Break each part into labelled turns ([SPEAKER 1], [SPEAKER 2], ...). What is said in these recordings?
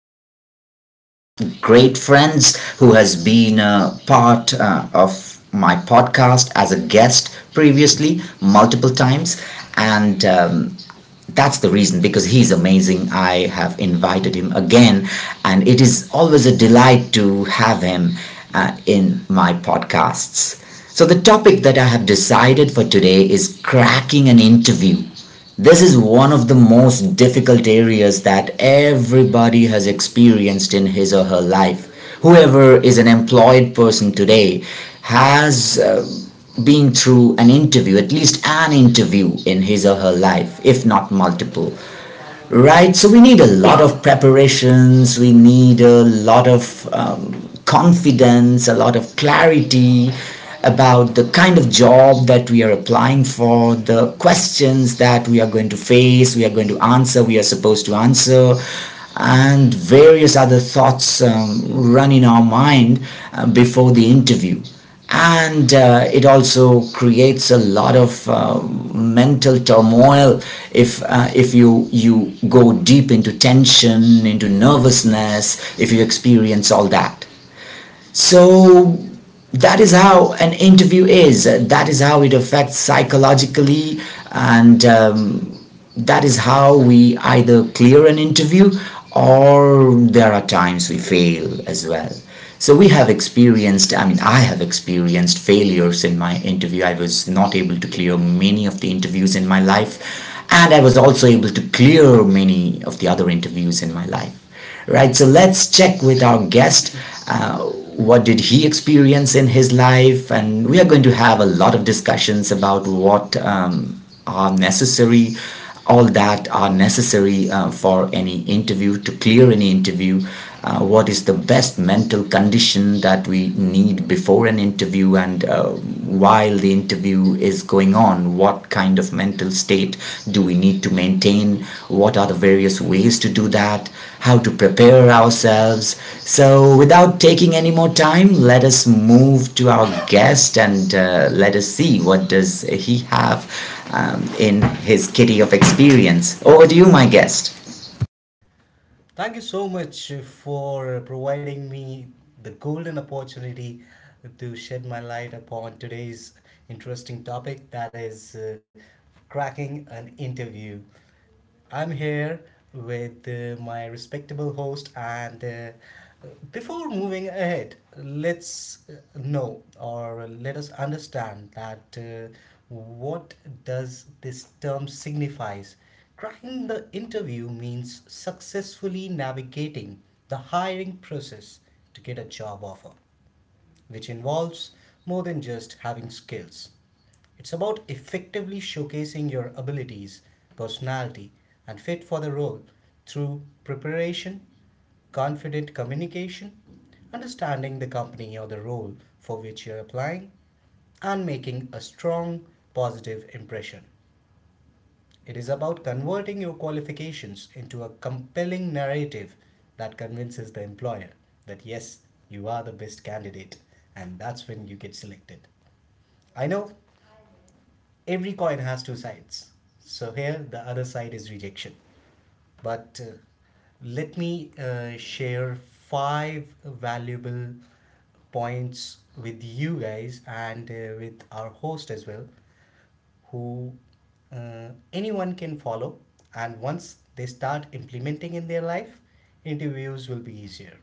[SPEAKER 1] one of my great friends who has been a part of my podcast as a guest previously multiple times. And That's the reason because he's amazing. I have invited him again, and it is always a delight to have him in my podcasts. So, the topic that I have decided for today is cracking an interview. This is one of the most difficult areas that everybody has experienced in his or her life. Whoever is an employed person today has been through an interview, at least an interview in his or her life, if not multiple, right? So we need a lot of preparations, we need a lot of confidence, a lot of clarity about the kind of job that we are applying for, the questions that we are going to face, we are going to answer, we are supposed to answer, and various other thoughts run in our mind before the interview, and it also creates a lot of mental turmoil if you go deep into tension, into nervousness, if you experience all that. So that is how an interview is, that is how it affects psychologically, and that is how we either clear an interview or there are times we fail as well. So we have experienced, I mean, I have experienced failures in my interview. I was not able to clear many of the interviews in my life, and I was also able to clear many of the other interviews in my life, right? So let's check with our guest. Uh, what did he experience in his life? And we are going to have a lot of discussions about what are necessary, all that are necessary for any interview, to clear any interview. Uh, what is the best mental condition that we need before an interview, and while the interview is going on, what kind of mental state do we need to maintain, what are the various ways to do that, how to prepare ourselves. So without taking any more time, let us move to our guest, and let us see what does he have in his kitty of experience. Over to you, my guest.
[SPEAKER 2] Thank you so much for providing me the golden opportunity to shed my light upon today's interesting topic, that is cracking an interview. I'm here with my respectable host, and before moving ahead, let's know or let us understand that what does this term signifies. Cracking the interview means successfully navigating the hiring process to get a job offer, which involves more than just having skills. It's about effectively showcasing your abilities, personality, and fit for the role through preparation, confident communication, understanding the company or the role for which you're applying, and making a strong positive impression. It is about converting your qualifications into a compelling narrative that convinces the employer that yes, you are the best candidate, and that's when you get selected. I know every coin has two sides. So here the other side is rejection, but let me share five valuable points with you guys and with our host as well who anyone can follow. And once they start implementing in their life, interviews will be easier.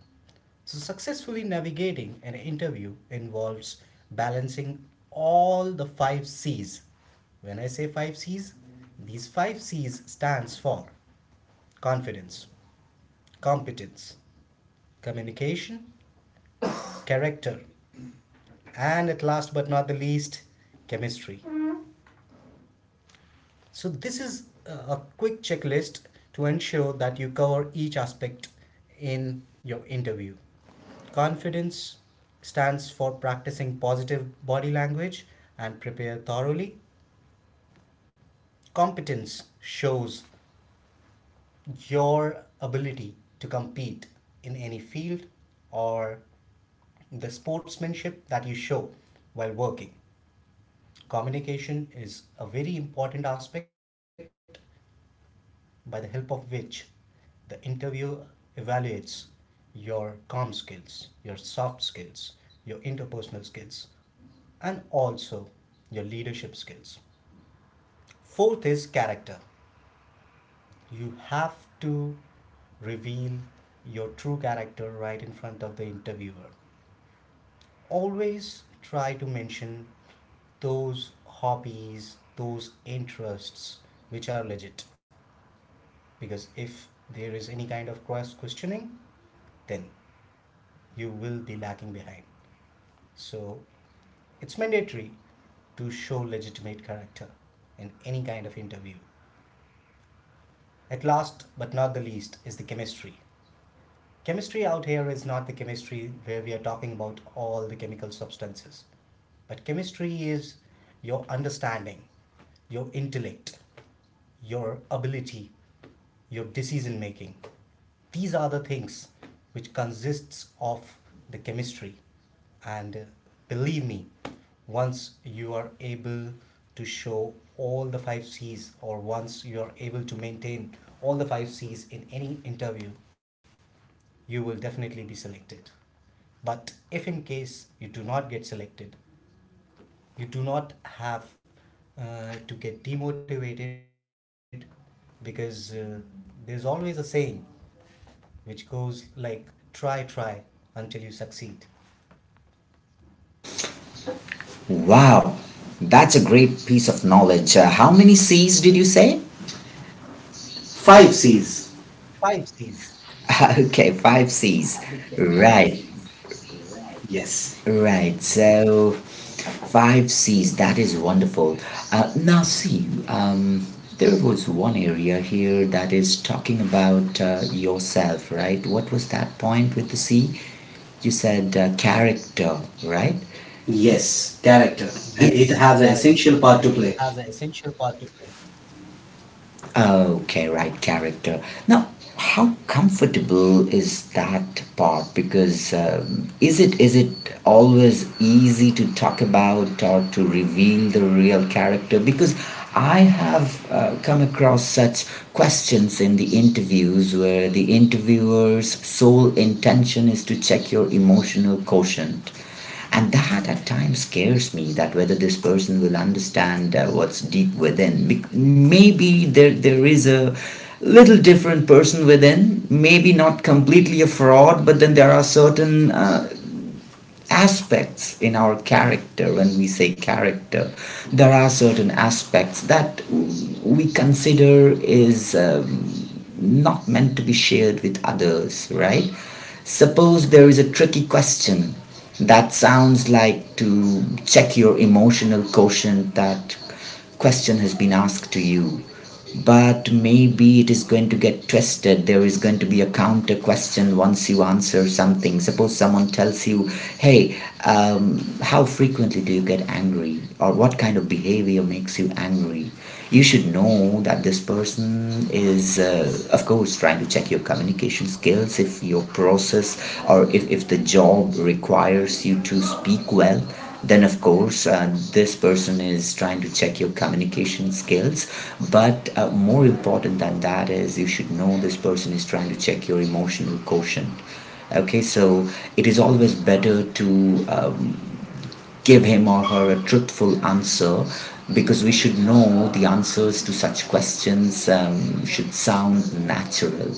[SPEAKER 2] So, successfully navigating an interview involves balancing all the 5 Cs. When I say 5 Cs, these 5 Cs stands for confidence, competence, communication, character, and at last but not the least, chemistry. So, this is a quick checklist to ensure that you cover each aspect in your interview. Confidence stands for practicing positive body language and prepare thoroughly. Competence shows your ability to compete in any field or the sportsmanship that you show while working. Communication is a very important aspect by the help of which the interviewer evaluates your calm skills, your soft skills, your interpersonal skills, and also your leadership skills. Fourth is character. You have to reveal your true character right in front of the interviewer. Always try to mention those hobbies, those interests which are legit. Because if there is any kind of cross questioning, then you will be lacking behind. So it's mandatory to show legitimate character in any kind of interview. At last but not the least is the chemistry. Chemistry out here is not the chemistry where we are talking about all the chemical substances, but chemistry is your understanding, your intellect, your ability, your decision making. These are the things which consists of the chemistry. And believe me, once you are able to show all the five C's, or once you are able to maintain all the five C's in any interview, you will definitely be selected. But if in case you do not get selected, you do not have to get demotivated, because there's always a saying which goes like, try, try until you succeed.
[SPEAKER 1] Wow, that's a great piece of knowledge. How many C's did you say? Five C's.
[SPEAKER 2] Five C's.
[SPEAKER 1] Okay, five C's.
[SPEAKER 2] Okay,
[SPEAKER 1] Right.
[SPEAKER 2] five C's. Right.
[SPEAKER 1] Yes, right.
[SPEAKER 2] Yes.
[SPEAKER 1] So, five C's, that is wonderful. Now, see, there was one area here that is talking about yourself, right? What was that point with the C? You said character, right? Yes, character. And it has
[SPEAKER 2] Yes.
[SPEAKER 1] an essential
[SPEAKER 2] Character.
[SPEAKER 1] part to
[SPEAKER 2] And
[SPEAKER 1] play.
[SPEAKER 2] it has an essential part to play.
[SPEAKER 1] Okay, right, character. Now, how comfortable is that part? Because is it always easy to talk about or to reveal the real character? Because I have come across such questions in the interviews where the interviewer's sole intention is to check your emotional quotient. And that at times scares me, that whether this person will understand what's deep within. Maybe there is a little different person within, maybe not completely a fraud, but then there are certain aspects in our character. When we say character, there are certain aspects that we consider is not meant to be shared with others, right? Suppose there is a tricky question that sounds like to check your emotional quotient, that question has been asked to you, but maybe it is going to get twisted, there is going to be a counter question once you answer something. Suppose someone tells you, hey, how frequently do you get angry, or what kind of behavior makes you angry. You should know that this person is, of course, trying to check your communication skills, if your process or if the job requires you to speak well, then of course this person is trying to check your communication skills. But more important than that is, you should know this person is trying to check your emotional quotient. Okay, so it is always better to give him or her a truthful answer, because we should know the answers to such questions should sound natural.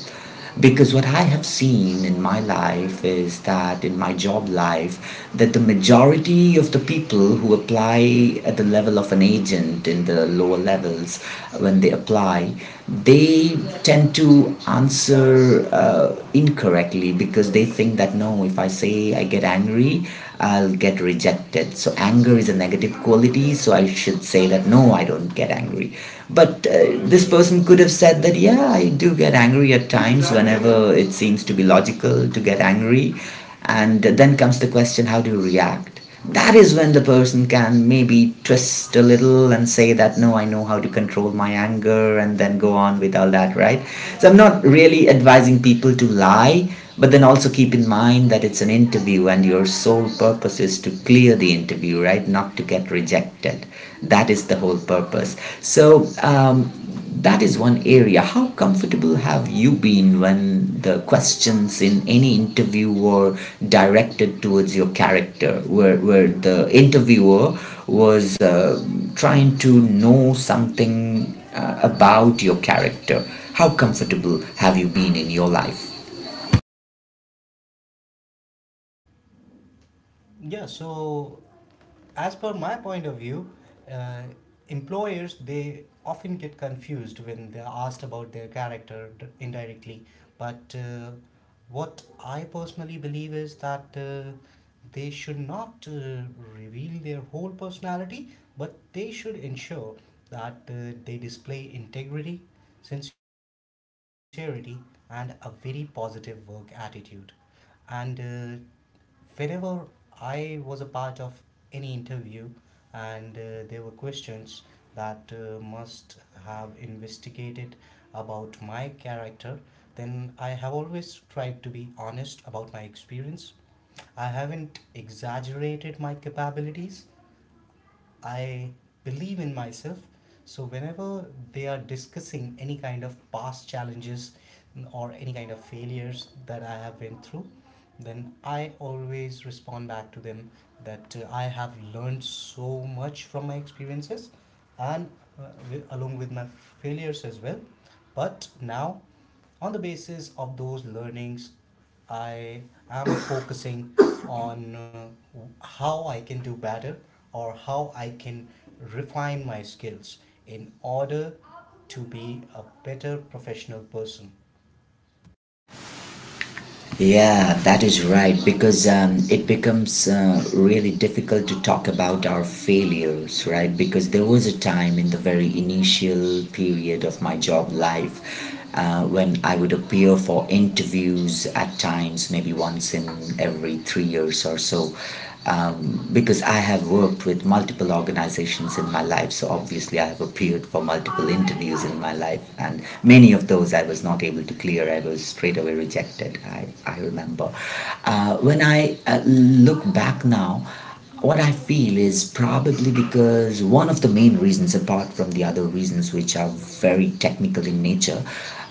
[SPEAKER 1] Because what I have seen in my life is that in my job life, that the majority of the people who apply at the level of an agent in the lower levels, when they apply, they tend to answer incorrectly, because they think that, no, if I say I get angry, I'll get rejected. So anger is a negative quality, so I should say that, no, I don't get angry. But this person could have said that, yeah, I do get angry at times whenever it seems to be logical to get angry. And then comes the question, how do you react? That is when the person can maybe twist a little and say that, no, I know how to control my anger, and then go on with all that, right? So I'm not really advising people to lie, but then also keep in mind that it's an interview and your sole purpose is to clear the interview, right, not to get rejected. That is the whole purpose. So that is one area. How comfortable have you been when the questions in any interview were directed towards your character, where the interviewer was trying to know something about your character? How comfortable have you been in your life?
[SPEAKER 2] Yeah, so as per my point of view, uh, employers they often get confused when they're asked about their character indirectly. But what I personally believe is that they should not reveal their whole personality, but they should ensure that they display integrity, sincerity, and a very positive work attitude. And whenever I was a part of any interview and there were questions that must have investigated about my character, then I have always tried to be honest about my experience. I haven't exaggerated my capabilities. I believe in myself. So whenever they are discussing any kind of past challenges or any kind of failures that I have been through, then I always respond back to them that I have learned so much from my experiences and along with my failures as well. But now, on the basis of those learnings, I am focusing on how I can do better or how I can refine my skills in order to be a better professional person.
[SPEAKER 1] Yeah, that is right, because it becomes really difficult to talk about our failures, right? Because there was a time in the very initial period of my job life when I would appear for interviews at times, maybe once in every 3 years or so, because I have worked with multiple organizations in my life, so obviously I have appeared for multiple interviews in my life, and many of those I was not able to clear. I was straight away rejected. I remember. When I look back now, what I feel is probably because one of the main reasons, apart from the other reasons which are very technical in nature,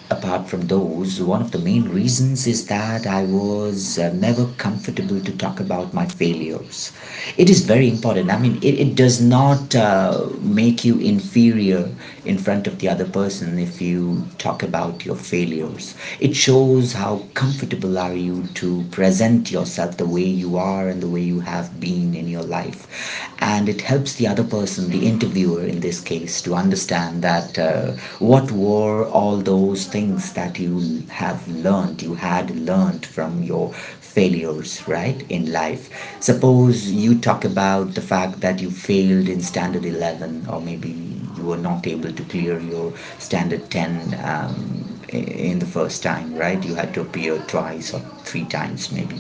[SPEAKER 1] apart from those, one of the main reasons is that I was never comfortable to talk about my failures. It is very important. I mean, it does not make you inferior in front of the other person if you talk about your failures. It shows how comfortable are you to present yourself the way you are and the way you have been in your life. And it helps the other person, the interviewer in this case, to understand that what were all those things that you have learned, you had learned from your failures, right, in life. Suppose you talk about the fact that you failed in standard 11, or maybe you were not able to clear your standard 10 in the first time, right? You had to appear twice or three times, maybe.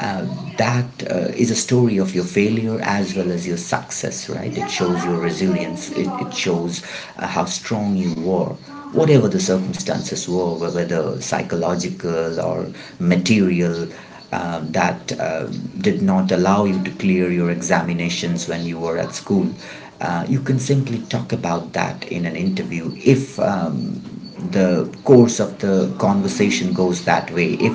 [SPEAKER 1] Uh, that is a story of your failure as well as your success, right? It shows your resilience, it shows how strong you were whatever the circumstances were, whether psychological or material, that did not allow you to clear your examinations when you were at school. Uh, you can simply talk about that in an interview if the course of the conversation goes that way. If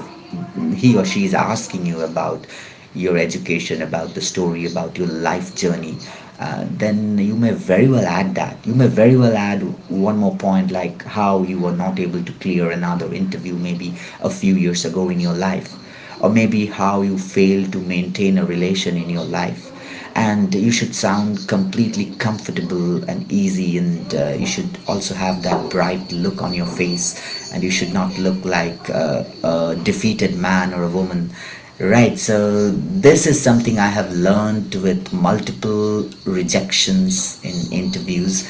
[SPEAKER 1] he or she is asking you about your education, about the story, about your life journey, then you may very well add that. You may very well add one more point, like how you were not able to clear another interview maybe a few years ago in your life, or maybe how you fail to maintain a relation in your life. And you should sound completely comfortable and easy, and you should also have that bright look on your face, and you should not look like a defeated man or a woman. Right, so this is something I have learned with multiple rejections in interviews,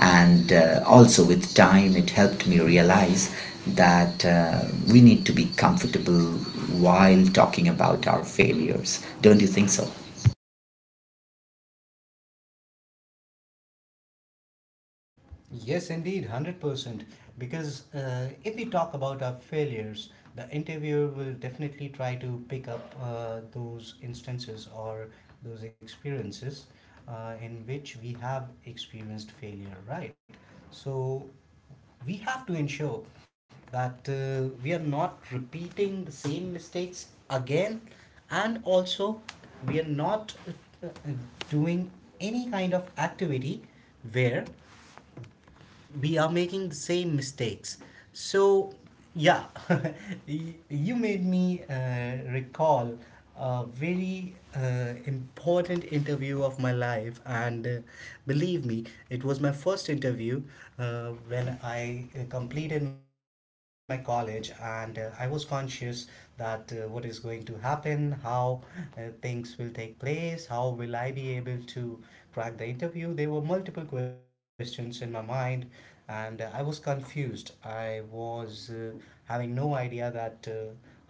[SPEAKER 1] and also with time it helped me realize that we need to be comfortable while talking about our failures. Don't you think so?
[SPEAKER 2] Yes, indeed, 100%. Because if we talk about our failures, the interviewer will definitely try to pick up those instances or those experiences in which we have experienced failure, right? So we have to ensure that we are not repeating the same mistakes again, and also we are not uh, uh, doing any kind of activity where we are making the same mistakes. So, yeah, you made me recall a very important interview of my life, and believe me, it was my first interview when I completed my college, and I was conscious that what is going to happen, how things will take place, how will I be able to crack the interview. There were multiple questions in my mind, and I was confused. I was having no idea that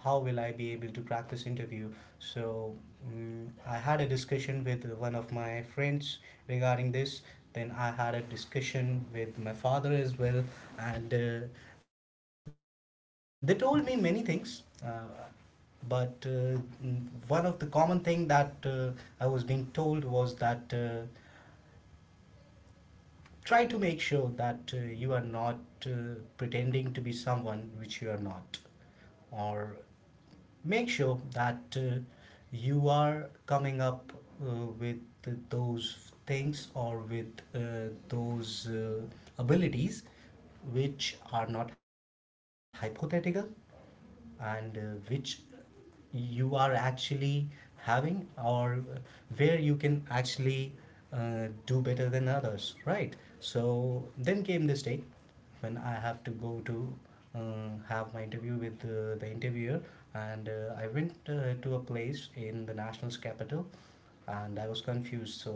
[SPEAKER 2] how will I be able to crack this interview. So I had a discussion with one of my friends regarding this. Then I had a discussion with my father as well, and they told me many things. But one of the common thing that I was being told was that try to make sure that you are not uh, pretending to be someone which you are not, or make sure that you are coming up uh, with those things or with those abilities which are not hypothetical, and which you are actually having, or where you can actually do better than others, right? So then came this day when I have to go to uh, have my interview with the interviewer, and I went to a place in the national's capital, and I was confused. So,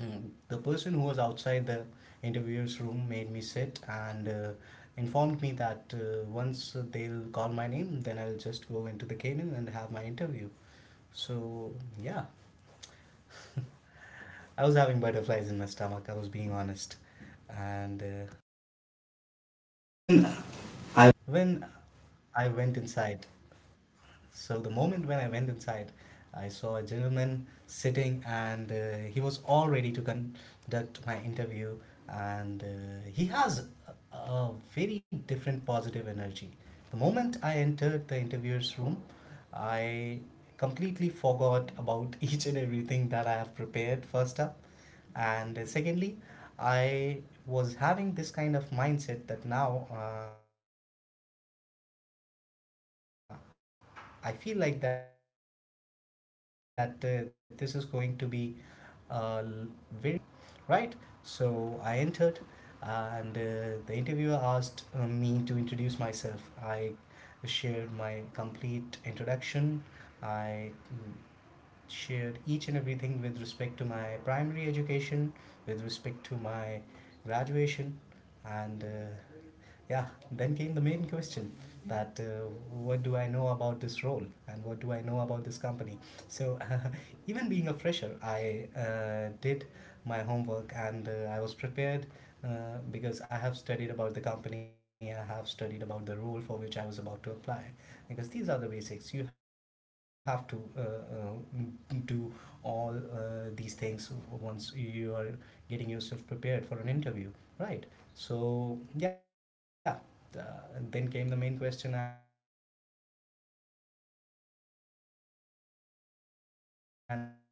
[SPEAKER 2] The person who was outside the interviewer's room made me sit and informed me that once they'll call my name, then I'll just go into the cabin and have my interview. So, yeah, I was having butterflies in my stomach, I was being honest. And
[SPEAKER 1] When
[SPEAKER 2] when
[SPEAKER 1] I
[SPEAKER 2] I went inside, so the moment when I went inside, I saw a gentleman sitting, and he was all ready to conduct my interview. And he has a very different positive energy. The moment I entered the interviewer's room, I completely forgot about each and everything that I have prepared. First up, and secondly, I was having this kind of mindset that now I feel like that this is going to be uh, very simple conversation, but also a intellectual one, right? So I entered, and the interviewer asked me to introduce myself. I shared my complete introduction. I shared each and everything with respect to my primary education, with respect to my graduation, and yeah, then came the main question that what do I know about this role and what do I know about this company? So, even being a fresher, I did my homework and I was prepared, because I have studied about the company, I have studied about the role for which I was about to apply. Because these are the basics. You have to do all these things once you are getting yourself prepared for an interview, right? So yeah, uh, then came the main question, and I simply uh, told him each and everything that I studied, and yeah, I was just being basic,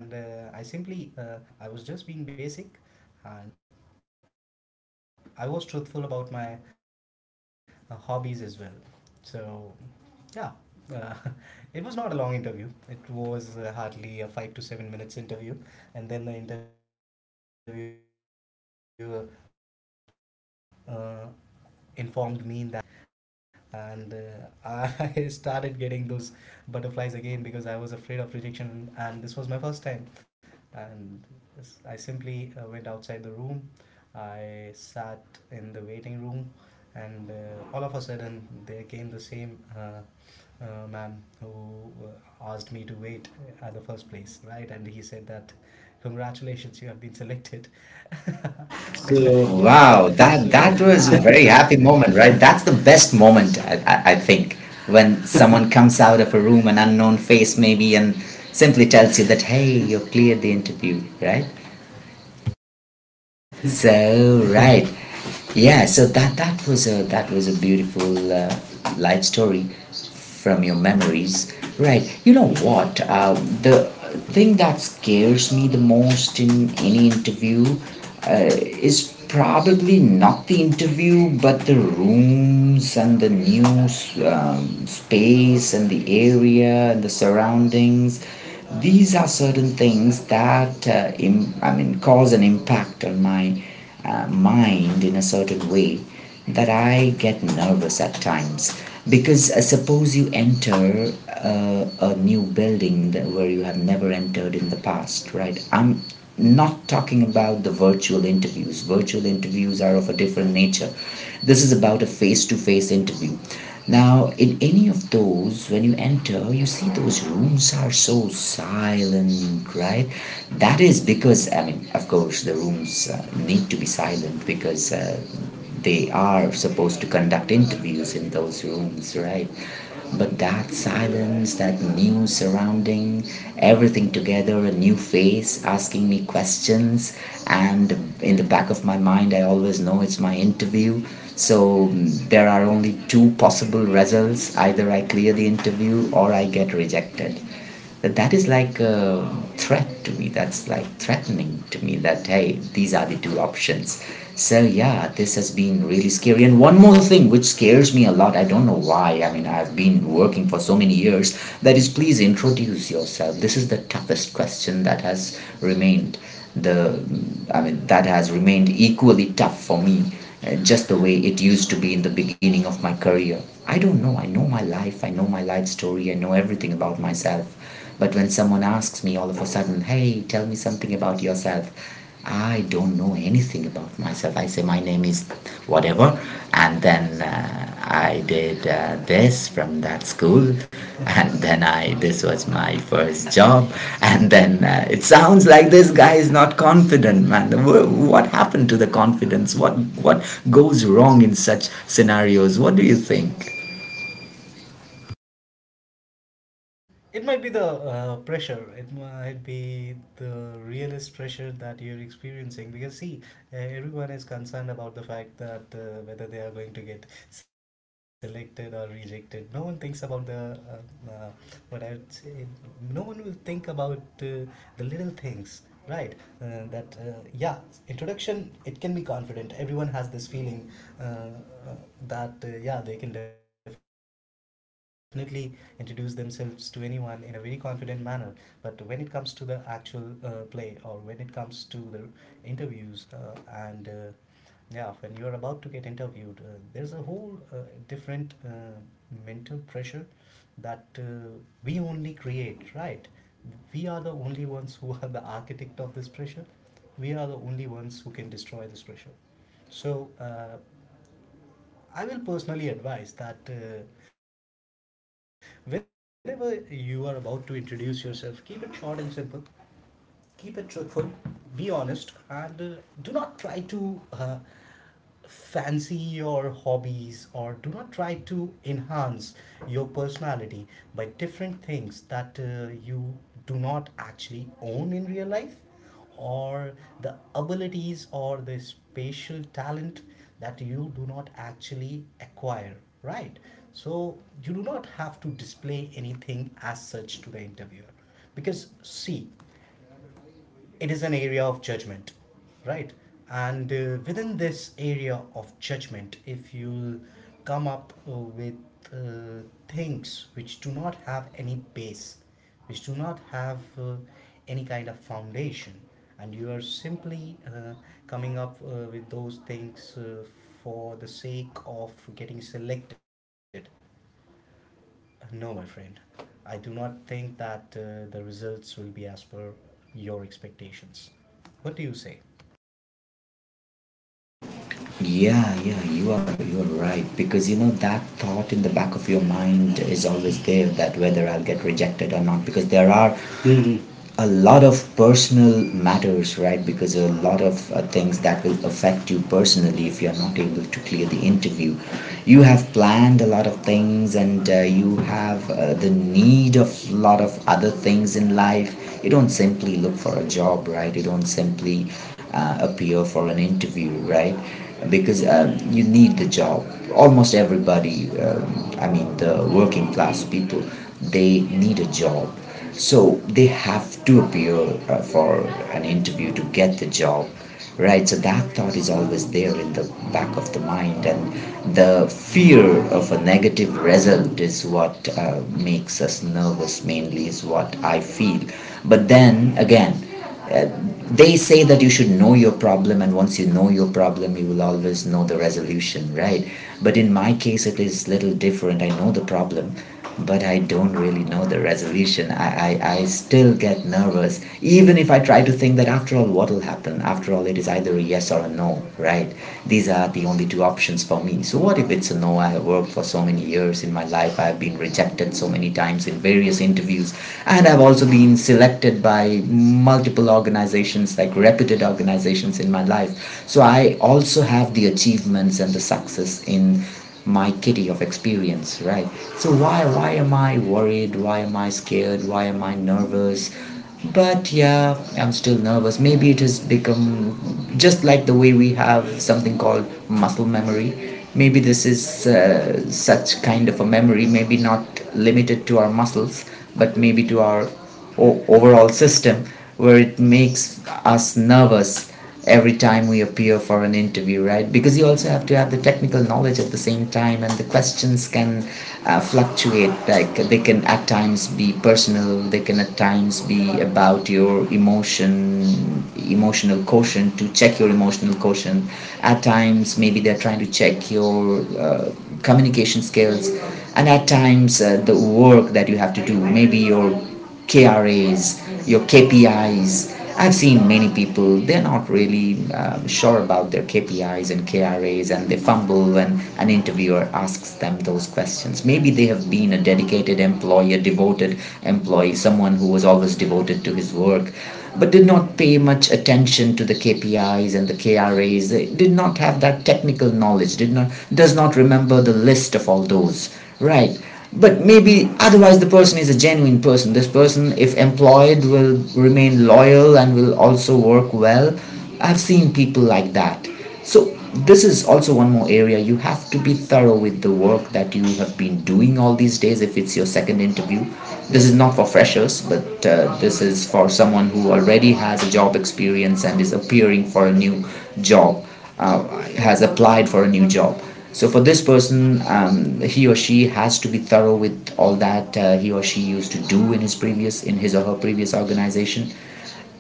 [SPEAKER 2] and there was no exaggeration of anything, and I was truthful about my hobbies as well. So yeah, uh, it was not a long interview, it was hardly a 5 to 7 minutes interview, and then the interviewer uh, informed me that, yeah, we will be sharing the feedback with you by the end of the day. And I started getting those butterflies again because I was afraid of rejection, and this was my first time. And I simply went outside the room. I sat in the waiting room, and all of a sudden there came the same man who asked me to wait at the first place, right? And he said that, congratulations, you have been selected.
[SPEAKER 1] so
[SPEAKER 2] Yeah.
[SPEAKER 1] wow,
[SPEAKER 2] So,
[SPEAKER 1] that
[SPEAKER 2] wow,
[SPEAKER 1] that was a very happy moment, right? That's the best moment, I, I think, when someone comes out of a room, an unknown face maybe, and simply tells you that, hey, you've cleared the interview, right? so right yeah so that was a beautiful life story from your memories, right? You know what, the thing that scares me the most in any interview uh, is probably not the interview but the rooms and the new space and the area and the surroundings. These are certain things that I mean cause an impact on my mind in a certain way that I get nervous at times, because suppose you enter a new building that where you have never entered in the past, right? I'm not talking about the virtual interviews. Virtual interviews are of a different nature. This is about a face to face interview. Now, in any of those, when you enter, you see those rooms are so silent, right? That is because, I mean, of course, the rooms need to be silent because they are supposed to conduct interviews in those rooms, right? But that silence, that new surrounding, everything together, a new face asking me questions, and in the back of my mind, I always know it's my interview. So there are only two possible results, either I clear the interview or I get rejected. That is like a threat to me. That's like threatening to me that, hey, these are the two options. So yeah, this has been really scary. And one more thing which scares me a lot, I don't know why, I mean, I've been working for so many years, that is, please introduce yourself. This is the toughest question that has remained the I mean that has remained equally tough for me, just the way it used to be in the beginning of my career. I don't know. I know my life. I know my life story. I know everything about myself. But when someone asks me all of a sudden, hey, tell me something about yourself, I don't know anything about myself. I say, my name is whatever. And then and I did this from that school, and then I this was my first job, and then it sounds like this guy is not confident, man. What happened to the confidence? What goes wrong in such scenarios? What do you think?
[SPEAKER 2] It might be the pressure. It might be the realist pressure that you're experiencing. Because see, everyone is concerned about the fact that whether they are going to get selected or rejected. No one thinks about the what I'd say. No one will think about uh, the little things, right? That yeah, introduction. It can be confident. Everyone has this feeling. Uh, uh, uh, that Yeah, they can definitely introduce themselves to anyone in a very confident manner, but when it comes to the actual play, or when it comes to the interviews and yeah, when you're about to get interviewed, there's a whole different mental pressure that we only create, right? We are the only ones who are the architect of this pressure. We are the only ones who can destroy this pressure. So I will personally advise that, whenever you are about to introduce yourself, keep it short and simple, keep it truthful, be honest, and do not try to fancy your hobbies, or do not try to enhance your personality by different things that you do not actually own in real life, or the abilities or the spatial talent that you do not actually acquire, right? So you do not have to display anything as such to the interviewer. Because, see, it is an area of judgment, right? And within this area of judgment, if you come up with uh, things which do not have any base, which do not have any kind of foundation, and you are simply coming up with those things for the sake of getting selected, no, my friend. I do not think that the results will be as per your expectations. What do you say?
[SPEAKER 1] Yeah, yeah, you are right, because you know that thought in the back of your mind is always there, that whether I'll get rejected or not, because there are a lot of personal matters, right? Because there are a lot of things that will affect you personally if you're not able to clear the interview. You have planned a lot of things, and you have the need of a lot of other things in life. You don't simply look for a job, right? You don't simply appear for an interview, right? Because you need the job. Almost everybody, I mean, the working class people, they need a job, so they have to appear for an interview to get the job, right? So that thought is always there in the back of the mind, and the fear of a negative result is what makes us nervous, mainly, is what I feel. But then again, uh, they say that you should know your problem, and once you know your problem, you will always know the resolution, right? But in my case, it is little different. I know the problem, but I don't really know the resolution. I still get nervous, even if I try to think that after all what will happen, after all it is either a yes or a no, right? These are the only two options for me. So what if it's a no? I have worked for so many years in my life. I have been rejected so many times in various interviews, and I've also been selected by multiple organizations, like reputed organizations in my life. So I also have the achievements and the success in my kitty of experience, right? So why am I worried? Why am I scared? Why am I nervous? But yeah, I'm still nervous. Maybe it has become just like the way we have something called muscle memory. Maybe this is such kind of a memory, maybe not limited to our muscles, but maybe to our overall system, where it makes us nervous every time we appear for an interview, right? Because you also have to have the technical knowledge at the same time, and the questions can fluctuate. Like they can at times be personal, they can at times be about your emotional quotient, to check your emotional quotient. At times maybe they're trying to check your communication skills, and at times the work that you have to do, maybe your KRAs, your KPIs. I've seen many people, they're not really sure about their KPIs and KRAs, and they fumble when an interviewer asks them those questions. Maybe they have been a dedicated employee, a devoted employee, someone who was always devoted to his work, but did not pay much attention to the KPIs and the KRAs. They did not have that technical knowledge, did not, does not remember the list of all those. Right. But maybe otherwise the person is a genuine person. This person, if employed, will remain loyal and will also work well. I've seen people like that. So this is also one more area. You have to be thorough with the work that you have been doing all these days, if it's your second interview. This is not for freshers, but this is for someone who already has a job experience and is appearing for a new job, has applied for a new job. So for this person, he or she has to be thorough with all that he or she used to do in in his or her previous organization,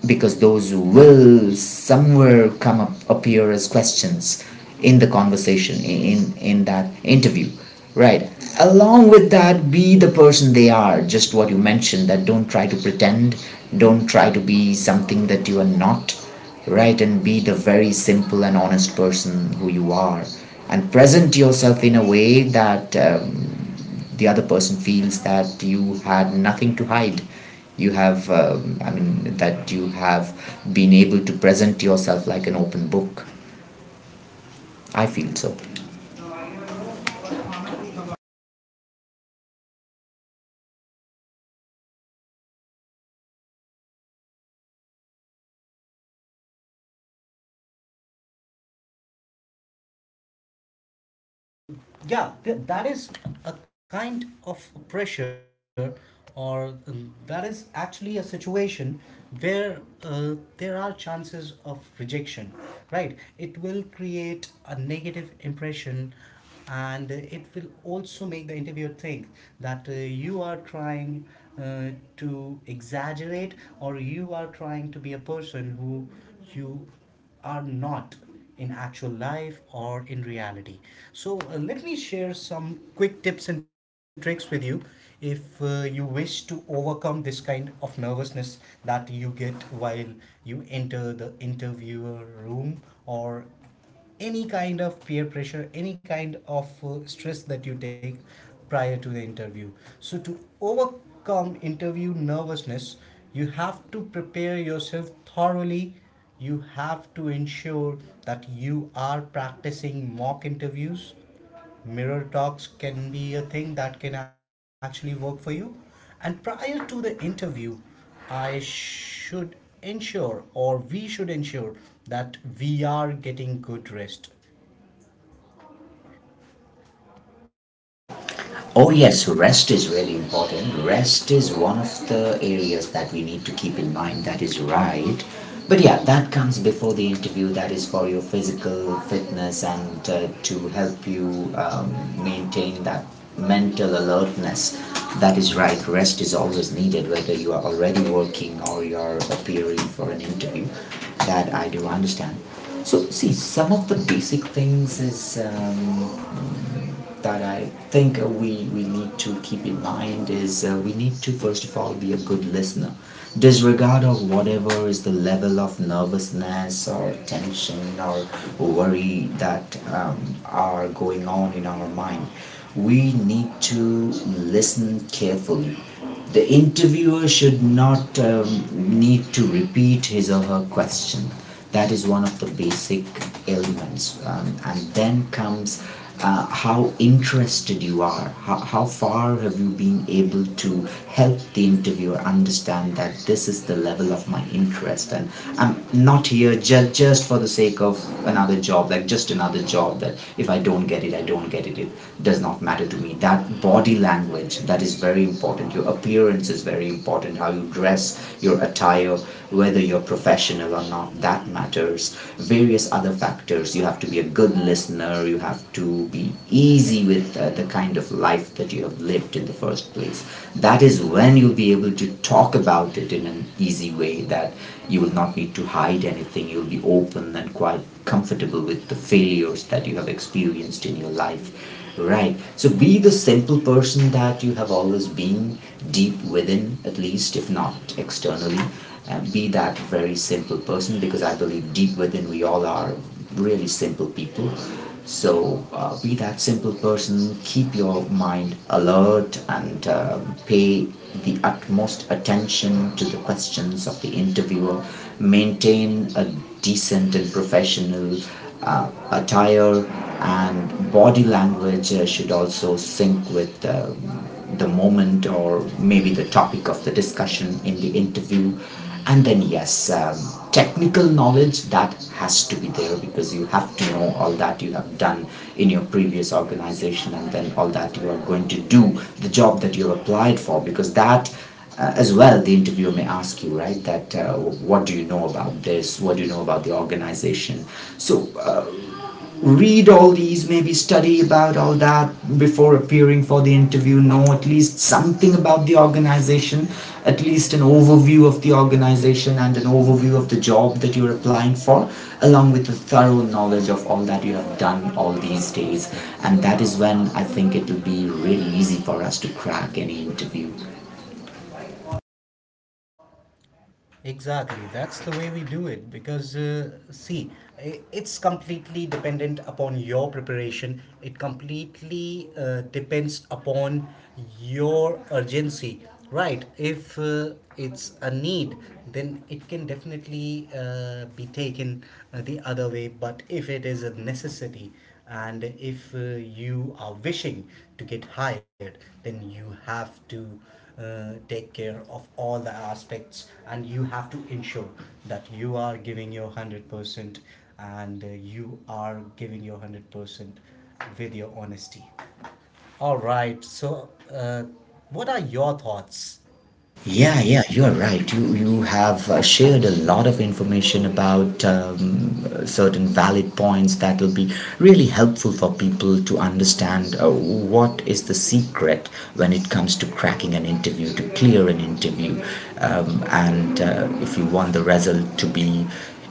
[SPEAKER 1] because those will somewhere come up appear as questions in the conversation, in that interview, right? Along with that, be the person they are. Just what you mentioned. That don't try to pretend. Don't try to be something that you are not, right? And be the very simple and honest person who you are, and present yourself in a way that the other person feels that you had nothing to hide. You have, I mean, that you have been able to present yourself like an open book. I feel so.
[SPEAKER 2] Yeah, definitely. Bang on. Because yeah, that is a kind of pressure, or that is actually a situation where there are chances of rejection. Right, it will create a negative impression, and it will also make the interviewer think that you are trying uh, to exaggerate, or you are trying to be a person who you are not in actual life or in reality. So, let me share some quick tips and tricks with you if you wish to overcome this kind of nervousness that you get while you enter the interviewer room, or any kind of peer pressure, any kind of stress that you take prior to the interview. So, to overcome interview nervousness, you have to prepare yourself thoroughly. You have to ensure that you are practicing mock interviews. Mirror talks can be a thing that can actually work for you. And prior to the interview, I should ensure, or we should ensure, that we are getting good rest.
[SPEAKER 1] Oh, yes, rest is really important. Rest is one of the areas that we need to keep in mind. That is right. But yeah, that comes before the interview. That is for your physical fitness and to help you maintain that mental alertness. That is right. Rest is always needed, whether you are already working or you're appearing for an interview. That I do understand. So, see, some of the basic things is that I think we need to keep in mind is we need to, first of all, be a good listener. Disregard of whatever is the level of nervousness or tension or worry that are going on in our mind. We need to listen carefully. The interviewer should not need to repeat his or her question. That is one of the basic elements. And then comes how interested you are, how far have you been able to help the interviewer understand that this is the level of my interest, and I'm not here just for the sake of another job, like just another job, that if I don't get it, I don't get it, it does not matter to me. That body language, that is very important. Your appearance is very important. How you dress, your attire, whether you're professional or not, that matters. Various other factors. You have to be a good listener. You have to be easy with the kind of life that you have lived in the first place. That is when you'll be able to talk about it in an easy way, that you will not need to hide anything. You'll be open and quite comfortable with the failures that you have experienced in your life. Right. So be the simple person that you have always been, deep within, at least, if not externally. Be that very simple person, because I believe deep within we all are really simple people. So be that simple person, keep your mind alert and pay the utmost attention to the questions of the interviewer, maintain a decent and professional attire, and body language should also sync with the moment, or maybe the topic of the discussion in the interview. And then, yes, technical knowledge, that has to be there, because you have to know all that you have done in your previous organization, and then all that you are going to do, the job that you have applied for, because that as well the interviewer may ask you, right, that what do you know about this, what do you know about the organization. So read all these, maybe study about all that before appearing for the interview, know at least something about the organization, at least an overview of the organization and an overview of the job that you're applying for, along with a thorough knowledge of all that you have done all these days. And that is when I think it will be really easy for us to crack any interview.
[SPEAKER 2] Exactly, that's the way we do it. Because see, it's completely dependent upon your preparation. It completely depends upon your urgency, right? If it's a need, then it can definitely be taken the other way. But if it is a necessity, and if you are wishing to get hired, then you have to take care of all the aspects, and you have to ensure that you are giving your 100%, and you are giving your 100% with your honesty. All right, so what are your thoughts?
[SPEAKER 1] Yeah, yeah, you're right. You have shared a lot of information about certain valid points that will be really helpful for people to understand what is the secret when it comes to cracking an interview, to clear an interview, and if you want the result to be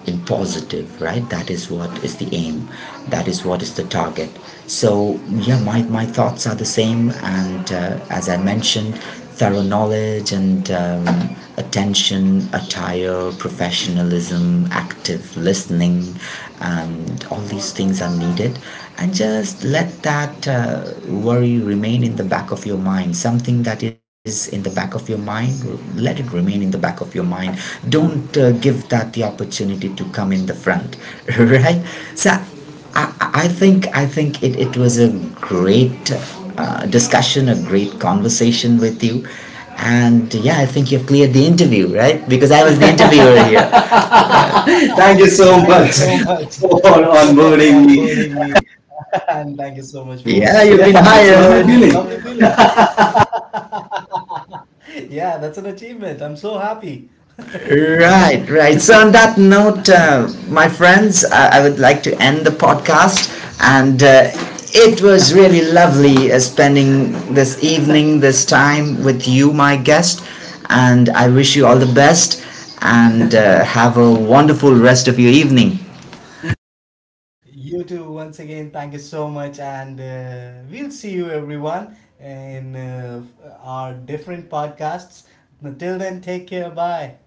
[SPEAKER 1] in positive, right? That is what is the aim, that is what is the target. So yeah, my thoughts are the same, and as I mentioned, thorough knowledge and attention, attire, professionalism, active listening, and all these things are needed. And just let that worry remain in the back of your mind. Something that is in the back of your mind, let it remain in the back of your mind. Don't give that the opportunity to come in the front. Right. So i, I think it was a great discussion, a great conversation with you. And yeah, I think you've cleared the interview, right? Because I was the interviewer here. Thank you so
[SPEAKER 2] Thank you so
[SPEAKER 1] much
[SPEAKER 2] much
[SPEAKER 1] for
[SPEAKER 2] for
[SPEAKER 1] onboarding me.
[SPEAKER 2] onboarding me. And thank you so
[SPEAKER 1] Yeah,
[SPEAKER 2] much
[SPEAKER 1] you've
[SPEAKER 2] for
[SPEAKER 1] been Yeah,
[SPEAKER 2] hiring me.
[SPEAKER 1] that's how
[SPEAKER 2] Yeah,
[SPEAKER 1] I
[SPEAKER 2] you've been Yeah, it's a
[SPEAKER 1] hired.
[SPEAKER 2] hired
[SPEAKER 1] Feel it.
[SPEAKER 2] lovely man feeling. Yeah, that's an achievement, I'm so happy.
[SPEAKER 1] Right, right. So, on that note, my friends, I would like to end the podcast. And it was really lovely spending this evening, this time with you, my guest. And I wish you all the best, and have a wonderful rest of your evening.
[SPEAKER 2] You too, once again, thank you so much, and we'll see you everyone in our different podcasts. Until then, take care. Bye.